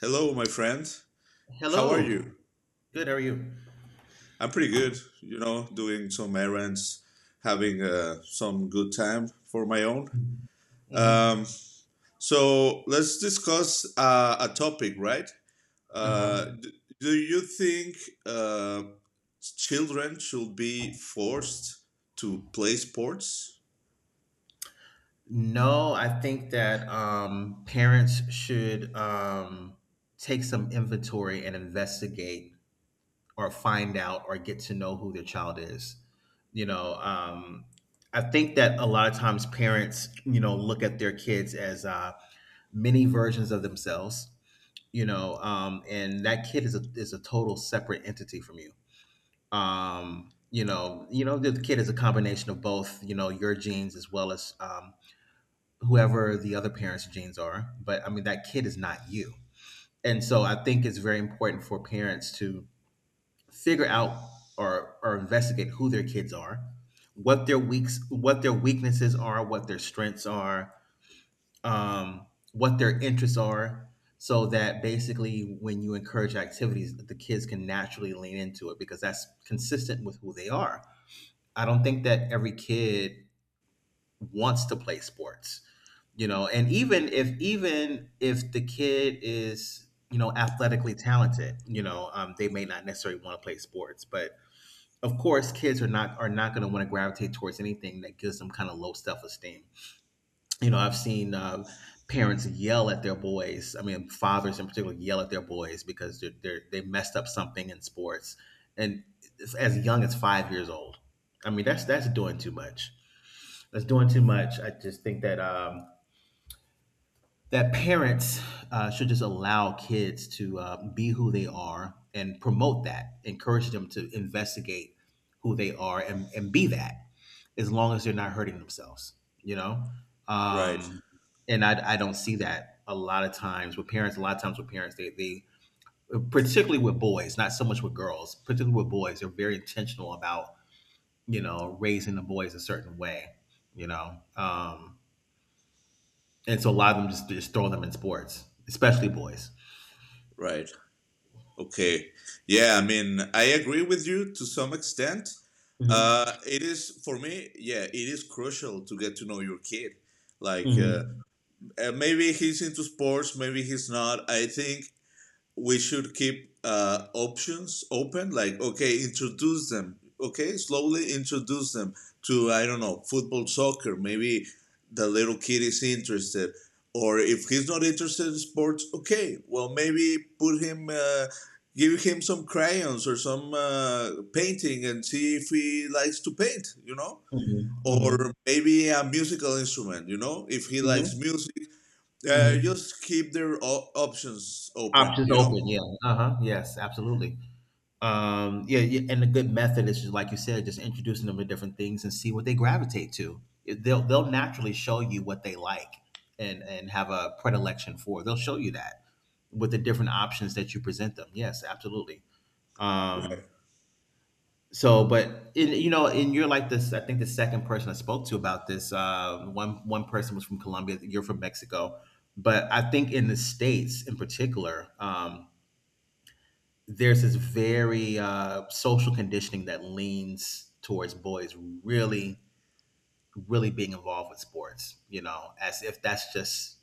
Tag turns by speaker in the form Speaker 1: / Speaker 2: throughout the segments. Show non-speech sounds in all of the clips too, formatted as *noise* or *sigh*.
Speaker 1: Hello, my friend. How are
Speaker 2: Hello.
Speaker 1: you?
Speaker 2: Good. How are you?
Speaker 1: I'm pretty good, you know, doing some errands, having some good time for my own.
Speaker 2: Mm-hmm.
Speaker 1: Um, so let's discuss a topic, right?
Speaker 2: Uh huh.
Speaker 1: Do you think uh, children should be forced to play sports?
Speaker 2: No, I think that parents should take some inventory and investigate or find out or get to know who their child is. You know, I think that a lot of times parents, you know, look at their kids as mini versions of themselves. You know, and that kid is a total separate entity from you. Um, you know, you know the kid is a combination of both, you know, your genes as well as um, whoever the other parent's genes are, but I mean that kid is not you. And so I think it's very important for parents to figure out or investigate who their kids are, what their weaknesses are, what their strengths are, um, what their interests are, so that basically when you encourage activities the kids can naturally lean into it because that's consistent with who they are. I don't think that every kid wants to play sports, you know. And even if the kid is, you know, athletically talented, you know, they may not necessarily want to play sports. But of course, kids are not going to want to gravitate towards anything that gives them kind of low self esteem, you know. I've seen parents yell at their boys. I mean, fathers in particular yell at their boys because they messed up something in sports, and it's as young as 5 years old. I mean, that's doing too much. That's doing too much. I just think that that parents should just allow kids to be who they are and promote that, encourage them to investigate who they are, and be that, as long as they're not hurting themselves, you know?
Speaker 1: Right,
Speaker 2: Um, and I don't see that a lot of times with parents, a lot of times with parents, particularly with boys, not so much with girls, particularly with boys, they're very intentional about, you know, raising the boys a certain way, you know? And so a lot of them just throw them in sports, especially boys.
Speaker 1: right. Okay. Yeah, I mean, I agree with you to some extent.
Speaker 2: Mm-hmm.
Speaker 1: It is, for me, yeah, it is crucial to get to know your kid. Like, uh,
Speaker 2: Mm-hmm.
Speaker 1: Maybe he's into sports, maybe he's not. I think we should keep options open, like okay, introduce them, okay, slowly introduce them to, I don't know, football, soccer, maybe the little kid is interested. Or if he's not interested in sports, okay, well, maybe put him, give him some crayons or some painting and see if he likes to paint, you know.
Speaker 2: Mm-hmm.
Speaker 1: Or
Speaker 2: Mm-hmm.
Speaker 1: maybe a musical instrument, you know, if he likes
Speaker 2: Mm-hmm.
Speaker 1: music.
Speaker 2: Mm-hmm.
Speaker 1: Just keep their options open,
Speaker 2: Options
Speaker 1: you know.
Speaker 2: open, yeah. Uh huh. Yes, absolutely. Yeah, yeah, and a good method is just like you said, just introducing them to different things and see what they gravitate to. They'll naturally show you what they like and have a predilection for. They'll show you that with the different options that you present them. Yes, absolutely. Um,
Speaker 1: Right,
Speaker 2: So, but in, you know, and you're like this. I think the second person I spoke to about this. One person was from Colombia. You're from Mexico, but I think in the States, in particular, there's this very social conditioning that leans towards boys really, really being involved with sports. You know, as if that's just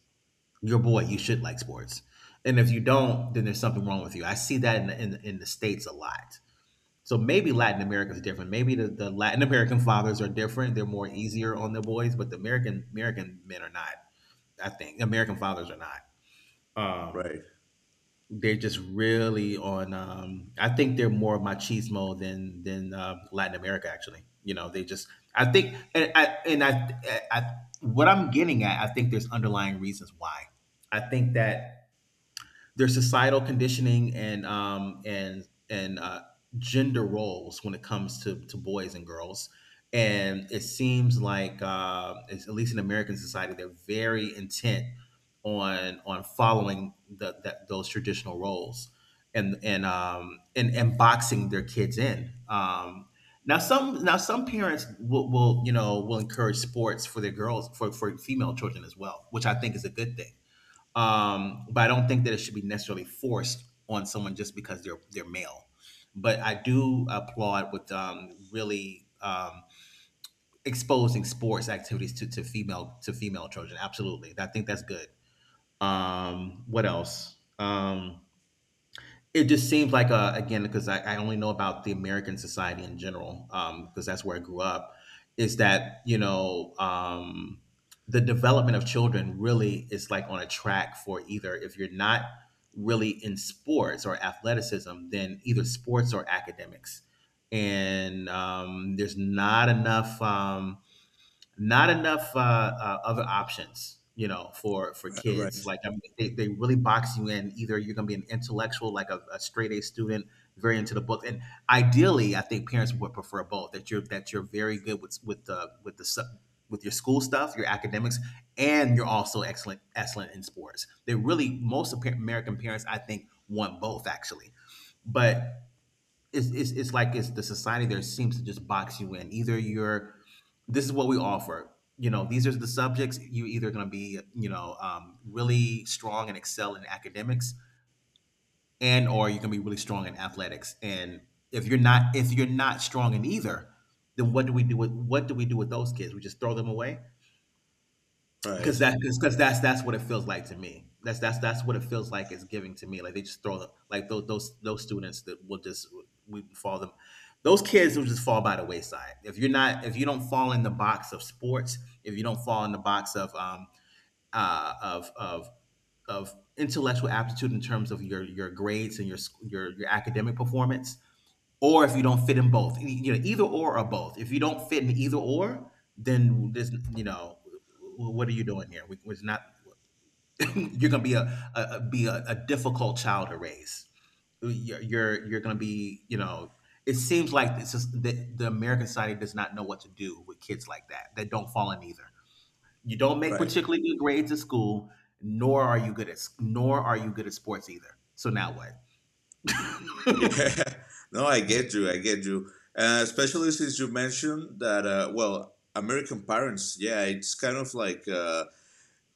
Speaker 2: your boy. You should like sports, and if you don't, then there's something wrong with you. I see that in the States a lot, so maybe Latin America is different. Maybe the Latin American fathers are different. They're more easier on the boys, but the American men are not. I think American fathers are not. Um,
Speaker 1: Right,
Speaker 2: they're just really on. I think they're more machismo than Latin America. Actually, you know, they just. I think, and I, what I'm getting at, I think there's underlying reasons why. I think that their societal conditioning, and gender roles when it comes to boys and girls. And it seems like, it's, at least in American society, they're very intent on following that those traditional roles, and boxing their kids in. Now some parents will, you know, will encourage sports for their girls, for female children as well, which I think is a good thing, but I don't think that it should be necessarily forced on someone just because they're male. But I do applaud with really exposing sports activities to female children. Absolutely, I think that's good. What else? It just seems like, again, because I only know about the American society in general because that's where I grew up, is that, you know, the development of children really is like on a track for, either if you're not really in sports or athleticism, then either sports or academics. And there's not enough other options, you know, for kids.
Speaker 1: right,
Speaker 2: Like I mean, they really box you in. Either you're going to be an intellectual, like a straight A student, very into the book, and ideally I think parents would prefer both, that you're very good with the sub with your school stuff, your academics, and you're also excellent in sports. They really, most of American parents, I think, want both, actually. But it's like it's the society there seems to just box you in. Either you're, this is what we offer. You know, these are the subjects. You either going to be, you know, really strong and excel in academics, and or you're going to be really strong in athletics. And if you're not strong in either, then what do we do with, what do we do with those kids? We just throw them away.
Speaker 1: right,
Speaker 2: Because that's what it feels like to me. That's that's what it feels like it's giving to me. Like they just throw the, like those those students that will just we fall them. Those kids will just fall by the wayside if you're not, if you don't fall in the box of sports. If you don't fall in the box of uh of of intellectual aptitude in terms of your grades and your your academic performance, or if you don't fit in both, you know, either or both. If you don't fit in either or, then this, you know, what are you doing here? We, it's not *clears throat* you're going to be be a difficult child to raise. You're going to be, you know. It seems like this is the American society does not know what to do with kids like that that don't fall in either. You don't make
Speaker 1: right
Speaker 2: particularly good grades at school, nor are you good at nor are you good at sports either. So now what? *laughs* hmm
Speaker 1: Yeah, *laughs* no, I get you. Especially since you mentioned that, well, American parents, yeah, it's kind of like,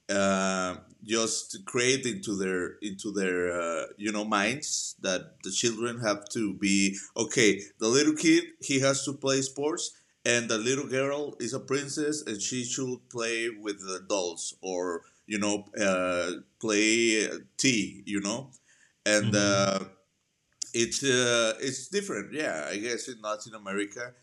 Speaker 1: uh, just create into their you know, minds that the children have to be okay. The little kid, he has to play sports, and the little girl is a princess, and she should play with the dolls, or you know, play tea, you know, and
Speaker 2: hmm
Speaker 1: it's different. Yeah, I guess in Latin America,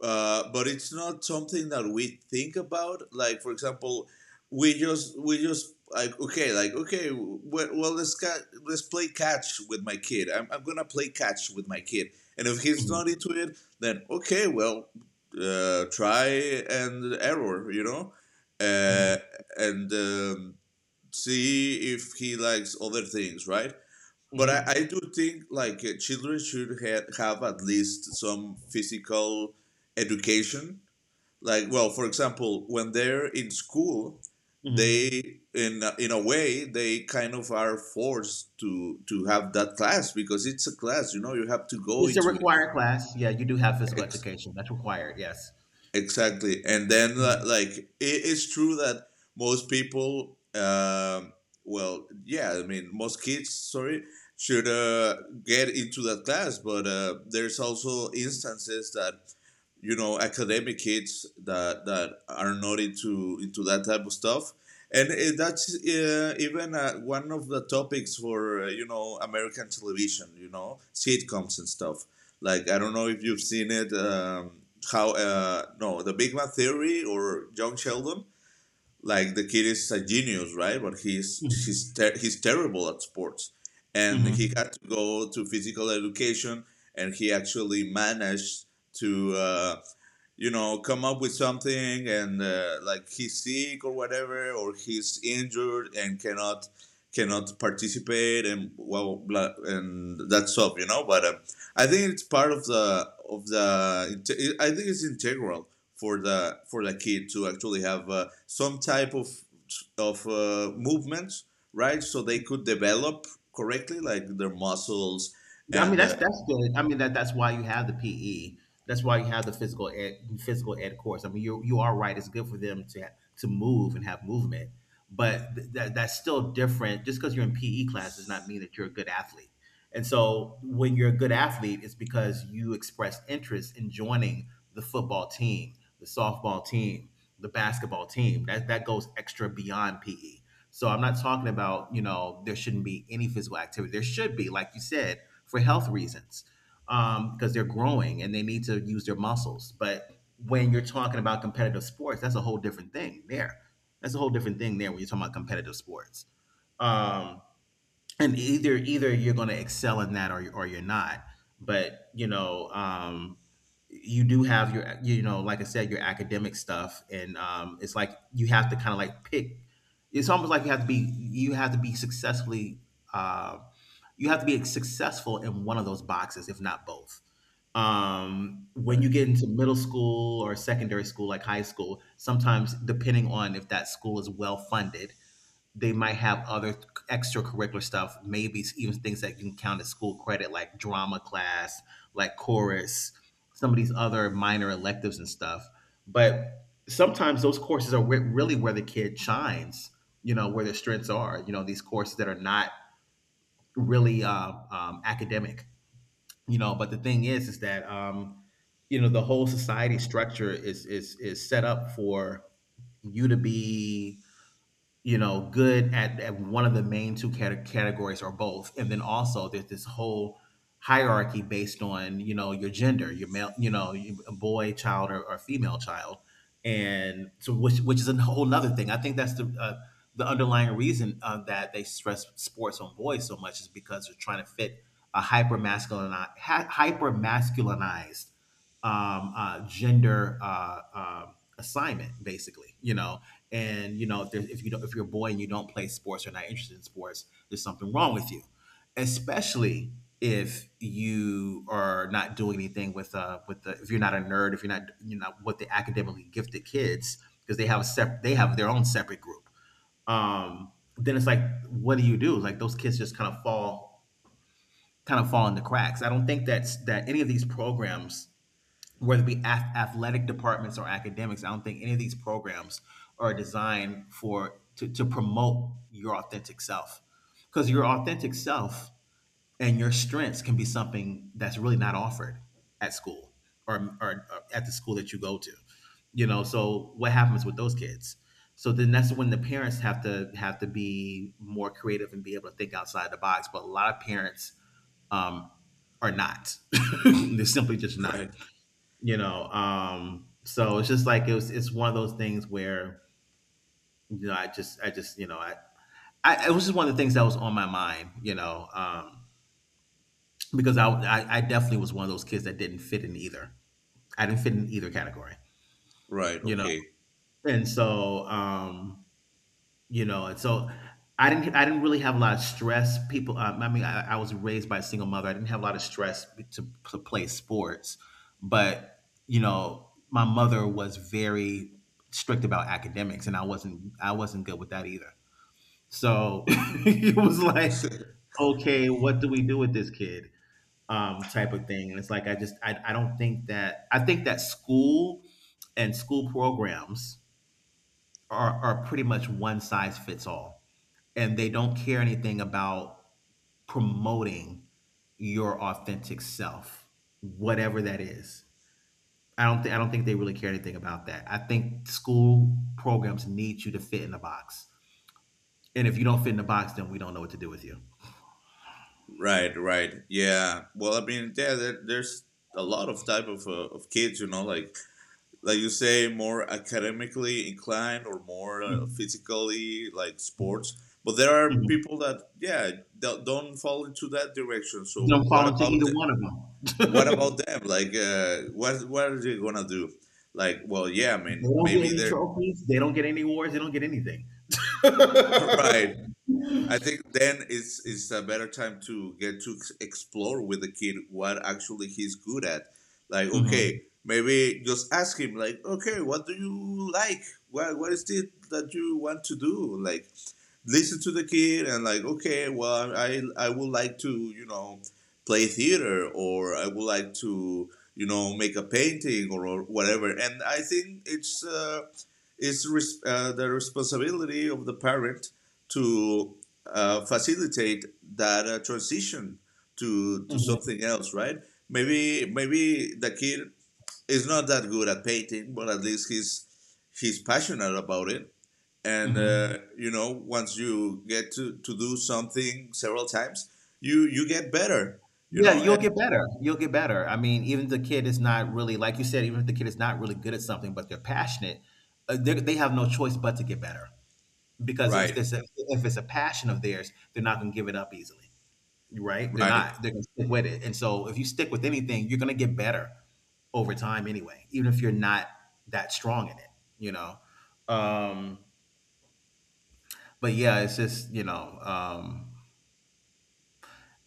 Speaker 1: but it's not something that we think about. Like, for example, we just like, okay, like okay, well let's let's play catch with my kid. I'm gonna play catch with my kid, and if he's not into it, then okay, well, try and error, you know,
Speaker 2: hmm
Speaker 1: uh, and see if he likes other things, right? But I
Speaker 2: hmm
Speaker 1: do think like, children should have at least some physical education. Like, well, for example, when they're in school,
Speaker 2: hmm
Speaker 1: they in in a way, they kind of are forced to have that class because it's a class. You know, you have to go
Speaker 2: It's a
Speaker 1: into it.
Speaker 2: required class. Yeah, you do have physical education. That's required. Yes.
Speaker 1: Exactly. And then
Speaker 2: Mm-hmm.
Speaker 1: like, it is true that most people, well, yeah, I mean most kids, sorry, should get into that class, but there's also instances that, you know, academic kids that are not into into that type of stuff. And that's even one of the topics for, you know, American television, you know, sitcoms and stuff. Like, I don't know if you've seen it, how no, the Big Man Theory or John Sheldon. Like, the kid is a genius, right? But he's terrible at sports, and he
Speaker 2: Mm-hmm.
Speaker 1: had to go to physical education, and he actually managed to, you know, come up with something, and like he's sick or whatever, or he's injured and cannot participate, and well, blah, and that's up, you know. But I think it's part of the of the. I think it's integral for the kid to actually have some type of movements, right? So they could develop correctly, like their muscles,
Speaker 2: I mean,
Speaker 1: and
Speaker 2: that's good. I mean, that that's why you have the PE. That's why you have the physical ed course. I mean, you are right. It's good for them to move and have movement, but that that's still different. Just because you're in PE class does not mean that you're a good athlete. And so, when you're a good athlete, it's because you expressed interest in joining the football team, the softball team, the basketball team. That that goes extra beyond PE. So I'm not talking about, you know, there shouldn't be any physical activity. There should be, like you said, for health reasons, because they're growing and they need to use their muscles. But when you're talking about competitive sports, that's a whole different thing there. That's a whole different thing there when you're talking about competitive sports. Um, and either you're going to excel in that or or you're not, but you know, you do have your, you know, like I said, your academic stuff. And it's like you have to kind of like pick. It's almost like you have to be successfully, uh, you have to be successful in one of those boxes, if not both. When you
Speaker 1: right,
Speaker 2: get into middle school or secondary school, like high school, sometimes depending on if that school is well funded, they might have other extracurricular stuff, maybe even things that you can count as school credit, like drama class, like chorus, some of these other minor electives and stuff. But sometimes those courses are where, really where the kid shines, you know, where their strengths are, you know, these courses that are not really academic, you know. But the thing is that, you know, the whole society structure is set up for you to be, you know, good at one of the main two categories or both. And then also there's this whole hierarchy based on, you know, your gender, your male, you know, you- a boy child or female child. And so, which is a whole nother thing. I think that's the the underlying reason that they stress sports on boys so much is because they're trying to fit a hyper masculine, hyper masculinized gender assignment, basically, you know. And you know if, there, if you don't, if you're a boy and you don't play sports or not interested in sports, there's something wrong with you, especially if you are not doing anything with the, if you're not a nerd, if you're not, you know, with the academically gifted kids, because they have a they have their own separate group. Then it's like, what do you do? Like those kids just kind of fall, kind of fall in the cracks. I don't think that's that any of these programs, whether it be athletic departments or academics, I don't think any of these programs are designed for to promote your authentic self. Because your authentic self and your strengths can be something that's really not offered at school or, or at the school that you go to. You know, so what happens with those kids? So then that's when the parents have to be more creative and be able to think outside the box. But a lot of parents um, are not. *laughs* They're simply just not,
Speaker 1: right,
Speaker 2: you know. So it's just like it was, it's one of those things where, you know, I just you know, I it was just one of the things that was on my mind, you know. Because I definitely was one of those kids that didn't fit in either. I didn't fit in either category,
Speaker 1: right.
Speaker 2: you know.
Speaker 1: Okay.
Speaker 2: And so You know, and so I didn't really have a lot of stress. People, I mean, I was raised by a single mother. I didn't have a lot of stress to play sports, but you know, my mother was very strict about academics, and I wasn't good with that either. So *laughs* it was like, okay, what do we do with this kid? Type of thing. And it's like I don't think that, I think that school and school programs are pretty much one size fits all, and they don't care anything about promoting your authentic self, whatever that is. I don't think they really care anything about that. I think school programs need you to fit in a box, and if you don't fit in the box, then we don't know what to do with you.
Speaker 1: Right, right. Yeah. Well, I mean, yeah, there's a lot of type of kids, you know, like you say, more academically inclined or more
Speaker 2: Mm-hmm.
Speaker 1: physically, like sports. But there are
Speaker 2: Mm-hmm.
Speaker 1: people that, yeah, don't fall into that direction. So
Speaker 2: Don't
Speaker 1: what
Speaker 2: fall into
Speaker 1: about
Speaker 2: either
Speaker 1: them?
Speaker 2: one of
Speaker 1: What
Speaker 2: them.
Speaker 1: about
Speaker 2: *laughs*
Speaker 1: them? Like, what are they gonna do? Like, well, yeah, I
Speaker 2: They
Speaker 1: mean,
Speaker 2: don't
Speaker 1: maybe
Speaker 2: get any
Speaker 1: they're
Speaker 2: trophies. They don't get any awards. They don't get anything.
Speaker 1: *laughs* right. I think then it's a better time to get to explore with the kid what actually he's good at. Like,
Speaker 2: Mhm.
Speaker 1: okay, maybe just ask him, like, okay, what do you like? What is it that you want to do? Like, listen to the kid, and like, okay, well, I would like to, you know, play theater, or I would like to, you know, make a painting, or whatever. And I think it's the responsibility of the parent to facilitate that transition to
Speaker 2: Mhm.
Speaker 1: something else, right? Maybe the kid is not that good at painting, but at least he's passionate about it. And
Speaker 2: Mhm.
Speaker 1: you know, once you get to do something several times, you get better. You
Speaker 2: Yeah,
Speaker 1: know,
Speaker 2: you'll
Speaker 1: and
Speaker 2: get better. You'll get better. I mean, even if the kid is not really, like you said, even if the kid is not really good at something, but they're passionate, they have no choice but to get better, because if
Speaker 1: right,
Speaker 2: there's a, if it's a passion of theirs, they're not going to give it up easily, right? They're
Speaker 1: right,
Speaker 2: not. They're going to stick with it. And so, if you stick with anything, you're going to get better over time anyway, even if you're not that strong in it, you know. Um, but yeah, it's just, you know.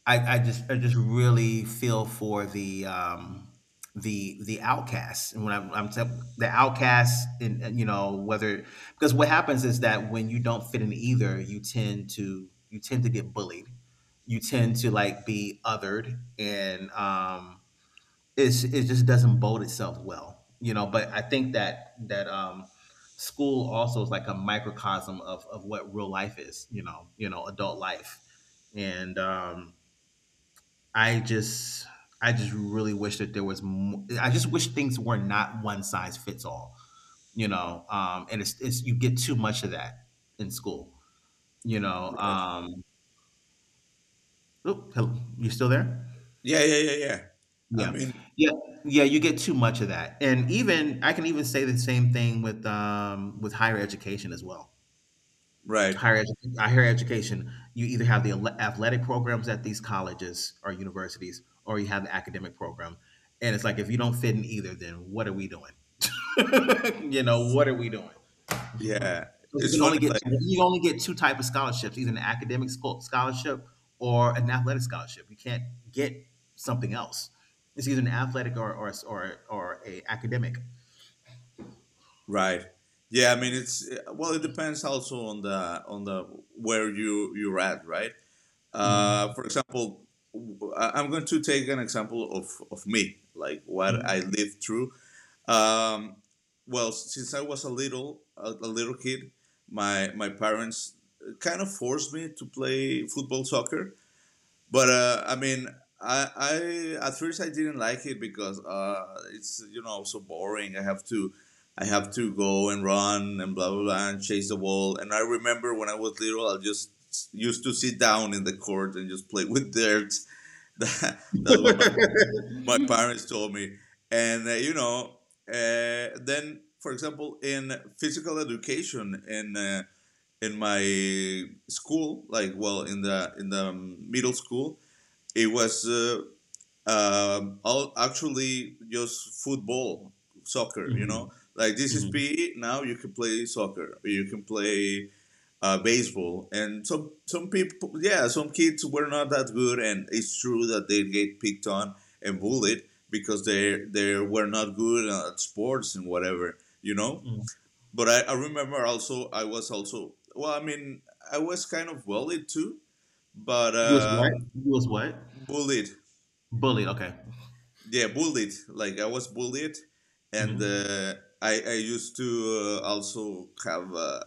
Speaker 2: I just really feel for the outcasts, and when the outcasts and, you know, whether, because what happens is that when you don't fit in either, you tend to, you tend to get bullied, you tend to like be othered. And it's, it just doesn't bode itself well, you know. But I think that that school also is like a microcosm of what real life is, you know, you know, adult life. And I just I just really wish that there was mo I just wish things were not one size fits all, you know. And it's you get too much of that in school, you know.
Speaker 1: right.
Speaker 2: Oop, hello, you still there?
Speaker 1: Yeah, yeah. I
Speaker 2: Yeah.
Speaker 1: mean,
Speaker 2: Yeah, yeah, you get too much of that, and even I can even say the same thing with higher education as well.
Speaker 1: right.
Speaker 2: Higher education, you either have the athletic programs at these colleges or universities, or you have the academic program. And it's like, if you don't fit in either, then what are we doing? *laughs* You know, what are we doing? 'Cause
Speaker 1: Yeah,
Speaker 2: you
Speaker 1: it's
Speaker 2: can
Speaker 1: funny.
Speaker 2: only get,
Speaker 1: Like,
Speaker 2: you only get two type of scholarships, either an academic scholarship or an athletic scholarship. You can't get something else. It's either an athletic or or a academic.
Speaker 1: right. Yeah, I mean it's well, it depends also on the where you you're at, right?
Speaker 2: Hmm.
Speaker 1: For example, I'm going to take an example of me, like what I lived through. Um, well, since I was a a little kid, my parents kind of forced me to play football, soccer, but I mean, I, I at first I didn't like it because it's, you know, so boring. I have to go and run and blah blah blah and chase the ball. And I remember when I was little, I just used to sit down in the court and just play with dirt. *laughs* That, that's what my
Speaker 2: *laughs*
Speaker 1: my
Speaker 2: Hmm.
Speaker 1: parents told me. And you know, then for example, in physical education in my school, like, well, in the middle school, it was all actually just football, soccer. You know,
Speaker 2: Hmm.
Speaker 1: like this is PE. Now you can play soccer, or you can play baseball. And some people, yeah, some kids were not that good. And it's true that they get picked on and bullied because they were not good at sports and whatever. You know.
Speaker 2: Hmm. *laughs*
Speaker 1: But I remember also, I was also, well, I mean, I was kind of bullied too, but
Speaker 2: You was what? You was what?
Speaker 1: bullied,
Speaker 2: Bullied. Okay.
Speaker 1: yeah, bullied, like I was bullied. and
Speaker 2: Mhm.
Speaker 1: uh, i i used to also have uh,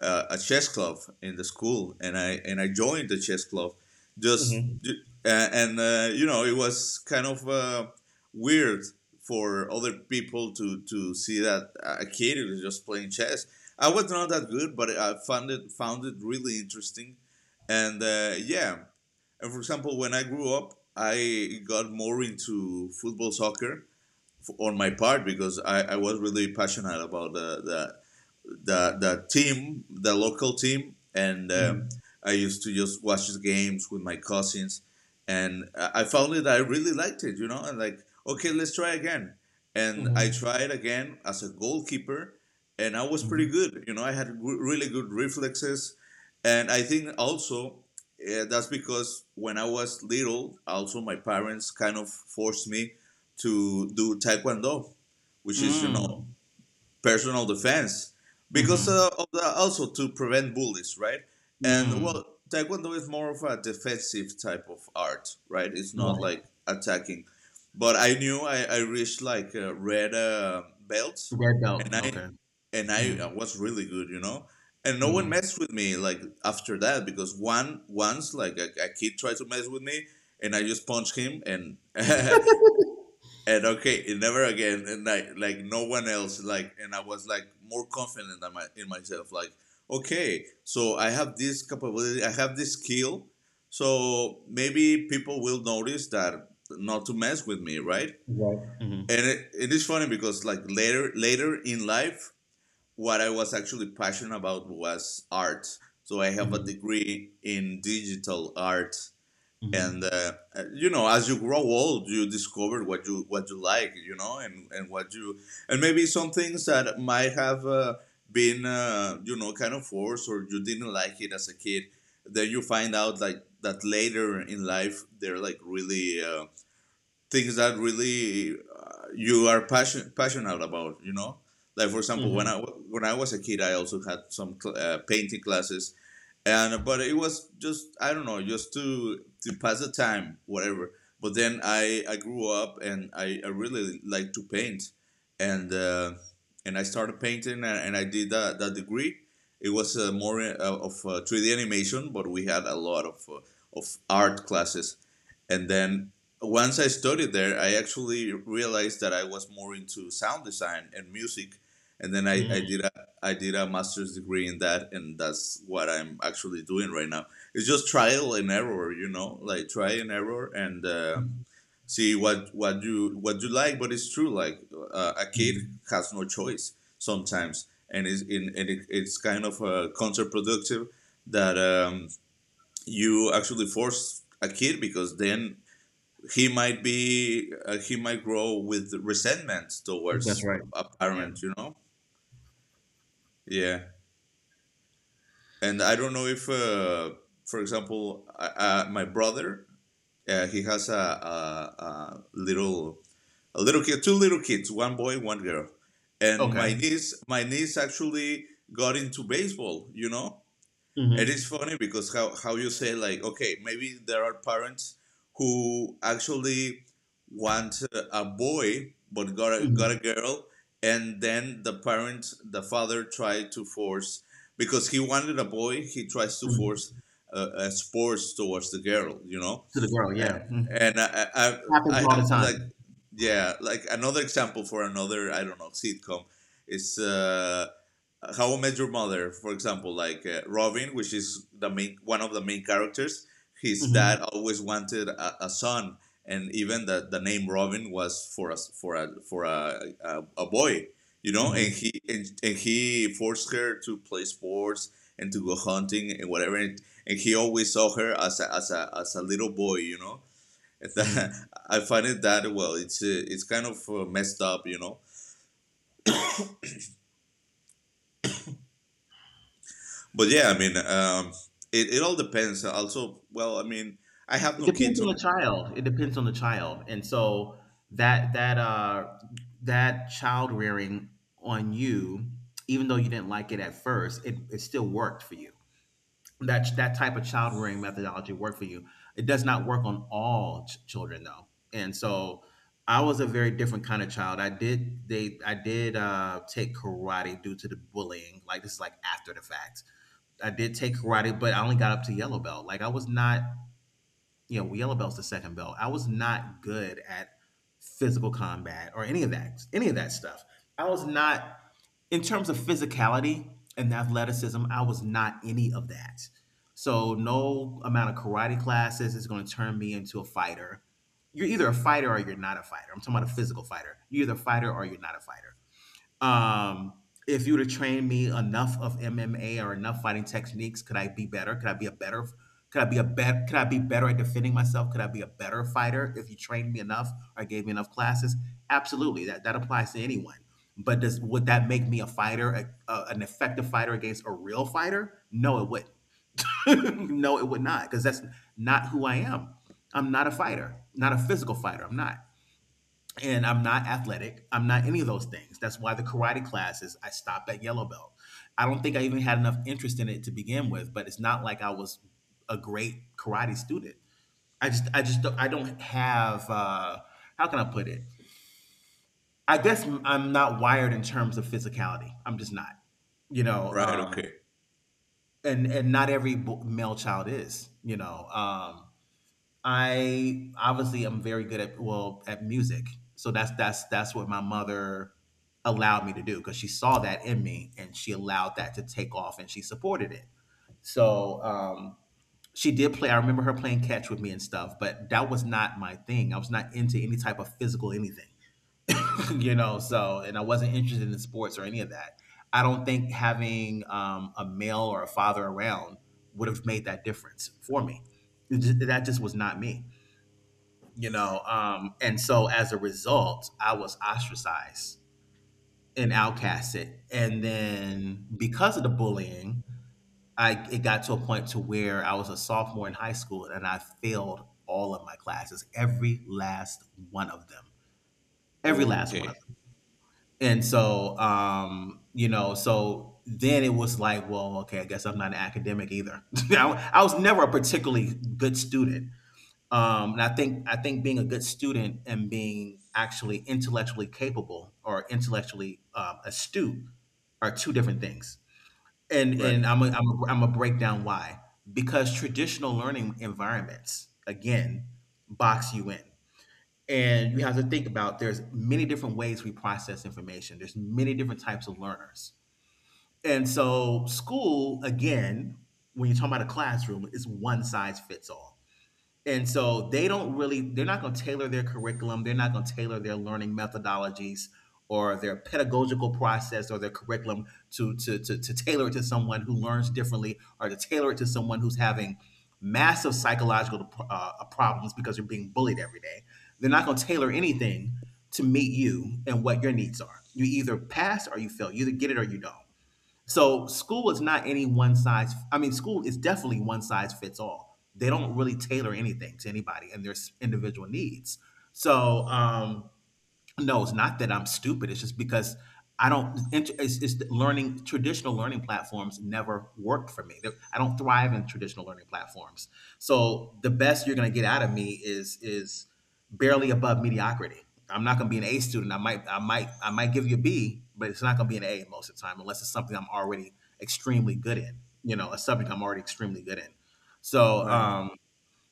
Speaker 1: uh, a chess club in the school, and I joined the chess club just,
Speaker 2: Mhm.
Speaker 1: and you know, it was kind of weird for other people to see that a kid is just playing chess. I was not that good, but I found it really interesting, and yeah. And for example, when I grew up, I got more into football, soccer, on my part because I was really passionate about the the team, the local team, and
Speaker 2: Mhm.
Speaker 1: I used to just watch the games with my cousins, and I found it. I really liked it, you know, and like, okay, let's try again. And I
Speaker 2: Mhm.
Speaker 1: tried again as a goalkeeper, and I was pretty
Speaker 2: Mhm.
Speaker 1: good. You know, I had really good reflexes, and I think also. That's because when I was little, also my parents kind of forced me to do taekwondo, which is, you know,
Speaker 2: Mm.
Speaker 1: personal defense, because
Speaker 2: Mhm.
Speaker 1: also to prevent bullies, right? And
Speaker 2: Mm.
Speaker 1: well, taekwondo is more of a defensive type of art, right? It's not
Speaker 2: Right.
Speaker 1: like attacking. But I knew I reached like a red belt,
Speaker 2: Red belt.
Speaker 1: and
Speaker 2: Okay.
Speaker 1: I
Speaker 2: Mm.
Speaker 1: was really good, you know. And no one
Speaker 2: Mhm.
Speaker 1: messed with me, like, after that, because one once like a kid tried to mess with me, and I just punched him, and *laughs* and okay, never again. And like no one else. Like, and I was like more confident in in myself. Like, okay, so I have this capability. I have this skill. So maybe people will notice that not to mess with me, right?
Speaker 2: Right. Mhm.
Speaker 1: And it is funny because, like, later in life, what I was actually passionate about was art. So I have a
Speaker 2: Mhm.
Speaker 1: degree in digital art, and
Speaker 2: Mhm.
Speaker 1: you know, as you grow old, you discover what you like, you know, and what you, and maybe some things that might have been you know, kind of forced, or you didn't like it as a kid, then you find out like, that later in life, they're like, really things that really you are passionate about, you know. Like, for example, when
Speaker 2: Mhm.
Speaker 1: I was a kid, I also had some painting classes, and but it was just, I don't know, just to pass the time, whatever. But then I grew up and I really like to paint, and uh, and I started painting, and I did that degree. It was more of 3D animation, but we had a lot of art classes. And then once I studied there, I actually realized that I was more into sound design and music. And then I did a master's degree in that, and that's what I'm actually doing right now. It's just trial and error, you know, like try and error, and
Speaker 2: Mhm.
Speaker 1: see what you like. But it's true, like, a kid
Speaker 2: Mhm.
Speaker 1: has no choice sometimes, and it's in, and it, it's kind of counterproductive that you actually force a kid, because then he might be he might grow with resentment
Speaker 2: That's
Speaker 1: towards
Speaker 2: right.
Speaker 1: a
Speaker 2: Yeah.
Speaker 1: parent, you know. Yeah, and I don't know if, for example, my brother, he has a little a little kid, two little kids, one boy, one girl. And
Speaker 2: Okay.
Speaker 1: my niece actually got into baseball, you know. It is
Speaker 2: Mhm.
Speaker 1: funny because, how you say, like, okay, maybe there are parents who actually want a boy but got got a
Speaker 2: Mhm.
Speaker 1: girl, and then the father tried to force, because he wanted a boy, he tries to force
Speaker 2: Mhm.
Speaker 1: a sports towards the girl, you know.
Speaker 2: To the girl. Yeah. Mhm.
Speaker 1: And
Speaker 2: Happens
Speaker 1: I
Speaker 2: all
Speaker 1: have
Speaker 2: the
Speaker 1: like,
Speaker 2: time.
Speaker 1: yeah, like another example for another, I don't know, sitcom, is How I Met Your Mother, for example. Like, Robin, which is the main one of the main characters, his
Speaker 2: Mhm.
Speaker 1: dad always wanted a son, and even the name Robin was for us for a boy, you know.
Speaker 2: Mhm.
Speaker 1: And he forced her to play sports and to go hunting and whatever, and he always saw her as as a little boy, you know. And *laughs* that,
Speaker 2: Mhm.
Speaker 1: I find it that, well, it's kind of messed up, you know. But yeah, I mean, it, it all depends. Also, well, I mean, I have
Speaker 2: It
Speaker 1: no
Speaker 2: depends
Speaker 1: kids
Speaker 2: on
Speaker 1: on.
Speaker 2: the
Speaker 1: Oh,
Speaker 2: child. It depends on the child, and so that that child rearing on you, even though you didn't like it at first, it still worked for you. That type of child rearing methodology worked for you. It does not work on all children though, and so I was a very different kind of child. I did take karate due to the bullying. Like this is like after the fact. I did take karate, but I only got up to yellow belt. Like I was not, you know, yellow belt's the second belt. I was not good at physical combat or any of that stuff. I was not, in terms of physicality and athleticism, I was not any of that. So no amount of karate classes is going to turn me into a fighter. You're either a fighter or you're not a fighter. I'm talking about a physical fighter. You're either a fighter or you're not a fighter. Um, if you would have trained me enough of MMA or enough fighting techniques, could I be better? Could I be a better? Could I be better at defending myself? Could I be a better fighter if you trained me enough or gave me enough classes? Absolutely, that applies to anyone. But does, would that make me a fighter, an effective fighter against a real fighter? No, it wouldn't. *laughs* No, it would not, because that's not who I am. I'm not a fighter, not a physical fighter. I'm not, and I'm not athletic. I'm not any of those things. That's why the karate classes I stopped at yellow belt. I don't think I even had enough interest in it to begin with, but it's not like I was a great karate student. I don't have how can I put it? I guess I'm not wired in terms of physicality. I'm just not. You know.
Speaker 1: right. Okay.
Speaker 2: And not every male child is, you know. I obviously am very good at, well, at music, so that's that's what my mother allowed me to do, because she saw that in me and she allowed that to take off and she supported it. So she did play. I remember her playing catch with me and stuff, but that was not my thing. I was not into any type of physical anything, *laughs* you know. So and I wasn't interested in sports or any of that. I don't think having a male or a father around would have made that difference for me. That just was not me, you know. And so as a result, I was ostracized and outcasted, and then because of the bullying, I it got to a point to where I was a sophomore in high school and I failed all of my classes, every last one of them, every
Speaker 1: Oh,
Speaker 2: last one of
Speaker 1: okay.
Speaker 2: them. And so you know, so then it was like, well, okay, I guess I'm not an academic either. *laughs* I was never a particularly good student. And I think being a good student and being actually intellectually capable or intellectually astute are two different things.
Speaker 1: Right.
Speaker 2: And I'm a break down why, because traditional learning environments again box you in, and you have to think about there's many different ways we process information. There's many different types of learners, and so school again, when you're talking about a classroom, is one size fits all. And so they don't really, they're not going to tailor their curriculum. They're not going to tailor their learning methodologies or their pedagogical process or their curriculum to tailor it to someone who learns differently, or to tailor it to someone who's having massive psychological problems because you're being bullied every day. They're not going to tailor anything to meet you and what your needs are. You either pass or you fail. You either get it or you don't. So school is not any one size. I mean, school is definitely one size fits all. They don't really tailor anything to anybody and their individual needs. So um, no, it's not that I'm stupid. It's just because I don't. Int- it's that learning traditional learning platforms never worked for me. I don't thrive in traditional learning platforms. So the best you're going to get out of me is barely above mediocrity. I'm not going to be an A student. I might give you a B, but it's not going to be an A most of the time, unless it's something I'm already extremely good in. You know, a subject I'm already extremely good in. So
Speaker 1: Right.
Speaker 2: um,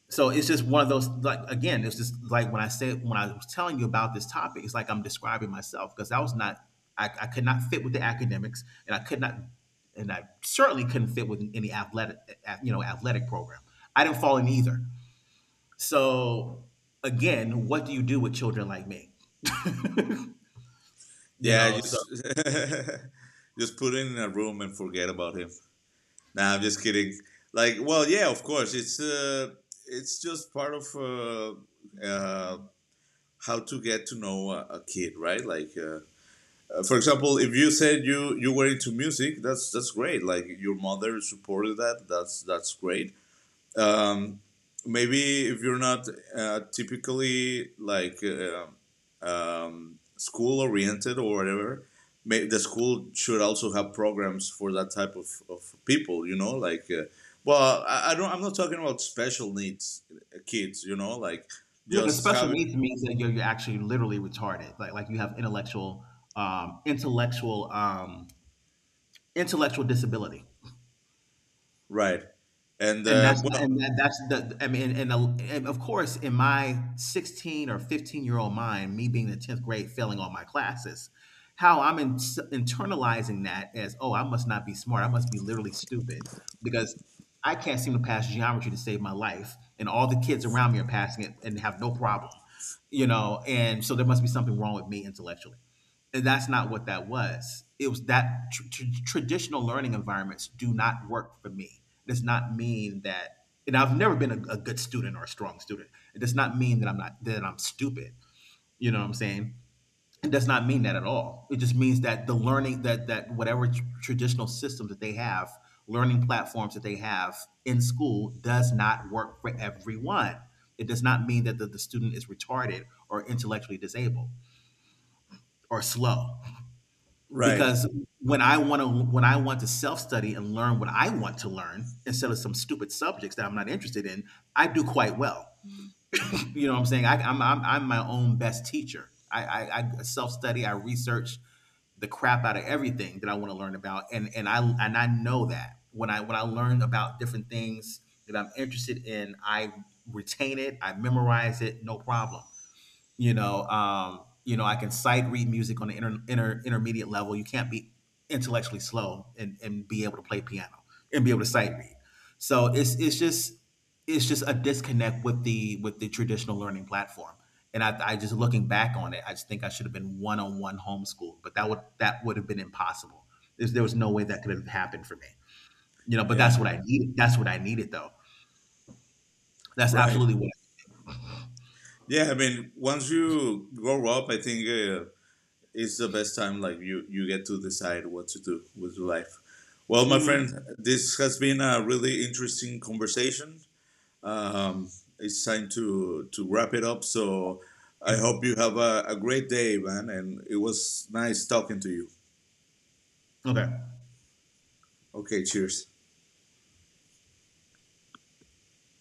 Speaker 2: so it's just one of those, like, again, it's just like when I said when I was telling you about this topic, it's like I'm describing myself, because I was not — I could not fit with the academics, and I could not — and I certainly couldn't fit with any you know, athletic program. I didn't fall in either. So again, what do you do with children like me? *laughs* You
Speaker 1: Yeah.
Speaker 2: know, so
Speaker 1: Just *laughs* just put him in a room and forget about him. Nah, I'm just kidding. Like, well, yeah, of course, it's just part of, uh, how to get to know a kid, right? Like, for example, if you said you you were into music, that's great. Like, your mother supported that. That's great. Um, maybe if you're not typically like school oriented or whatever, may, the school should also have programs for that type of people. You know, like. Well, I don't. I'm not talking about special needs kids. You know, like,
Speaker 2: yeah, the
Speaker 1: just
Speaker 2: special
Speaker 1: have
Speaker 2: needs means that you're actually literally retarded. Like you have intellectual intellectual intellectual disability.
Speaker 1: right. And
Speaker 2: And that's not —
Speaker 1: well,
Speaker 2: and that that's the — I mean, and the — and of course, in my 16 or 15-year-old mind, me being the 10th grade failing all my classes, how I'm in internalizing that as, "Oh, I must not be smart. I must be literally stupid because I can't seem to pass geometry to save my life, and all the kids around me are passing it and have no problem." You know, and so there must be something wrong with me intellectually. And that's not what that was. It was that traditional learning environments do not work for me does not mean that — and I've never been a good student or a strong student. It does not mean that I'm not, that I'm stupid. You know what I'm saying? It does not mean that at all. It just means that the learning, that that whatever traditional systems that they have, learning platforms that they have in school, does not work for everyone. It does not mean that the student is retarded or intellectually disabled or slow,
Speaker 1: right.
Speaker 2: because when I want to — when I want to self study and learn what I want to learn instead of some stupid subjects that I'm not interested in, I do quite well. You know what I'm saying? I, I'm my own best teacher. I self study. I research the crap out of everything that I want to learn about, and I know that when I — when I learn about different things that I'm interested in, I retain it. I memorize it, no problem. You know, you know, I can sight read music on the intermediate level. You can't be intellectually slow and be able to play piano and be able to sight read. So it's just it's just a disconnect with the traditional learning platform. And I just, looking back on it, I just think I should have been one-on-one homeschooled, but that would have been impossible. There was no way that could have happened for me. You know, but that's
Speaker 1: Yeah,
Speaker 2: what I needed. That's what I needed, though. That's
Speaker 1: right.
Speaker 2: absolutely what
Speaker 1: Yeah, I mean, once you grow up, I think, it's the best time. Like, you get to decide what to do with your life. Well, my friend, this has been a really interesting conversation. Um, it's time to wrap it up. So
Speaker 2: I
Speaker 1: I hope
Speaker 2: needed.
Speaker 1: you have a great day, man. And it was nice talking to you.
Speaker 2: Okay.
Speaker 1: Okay, cheers.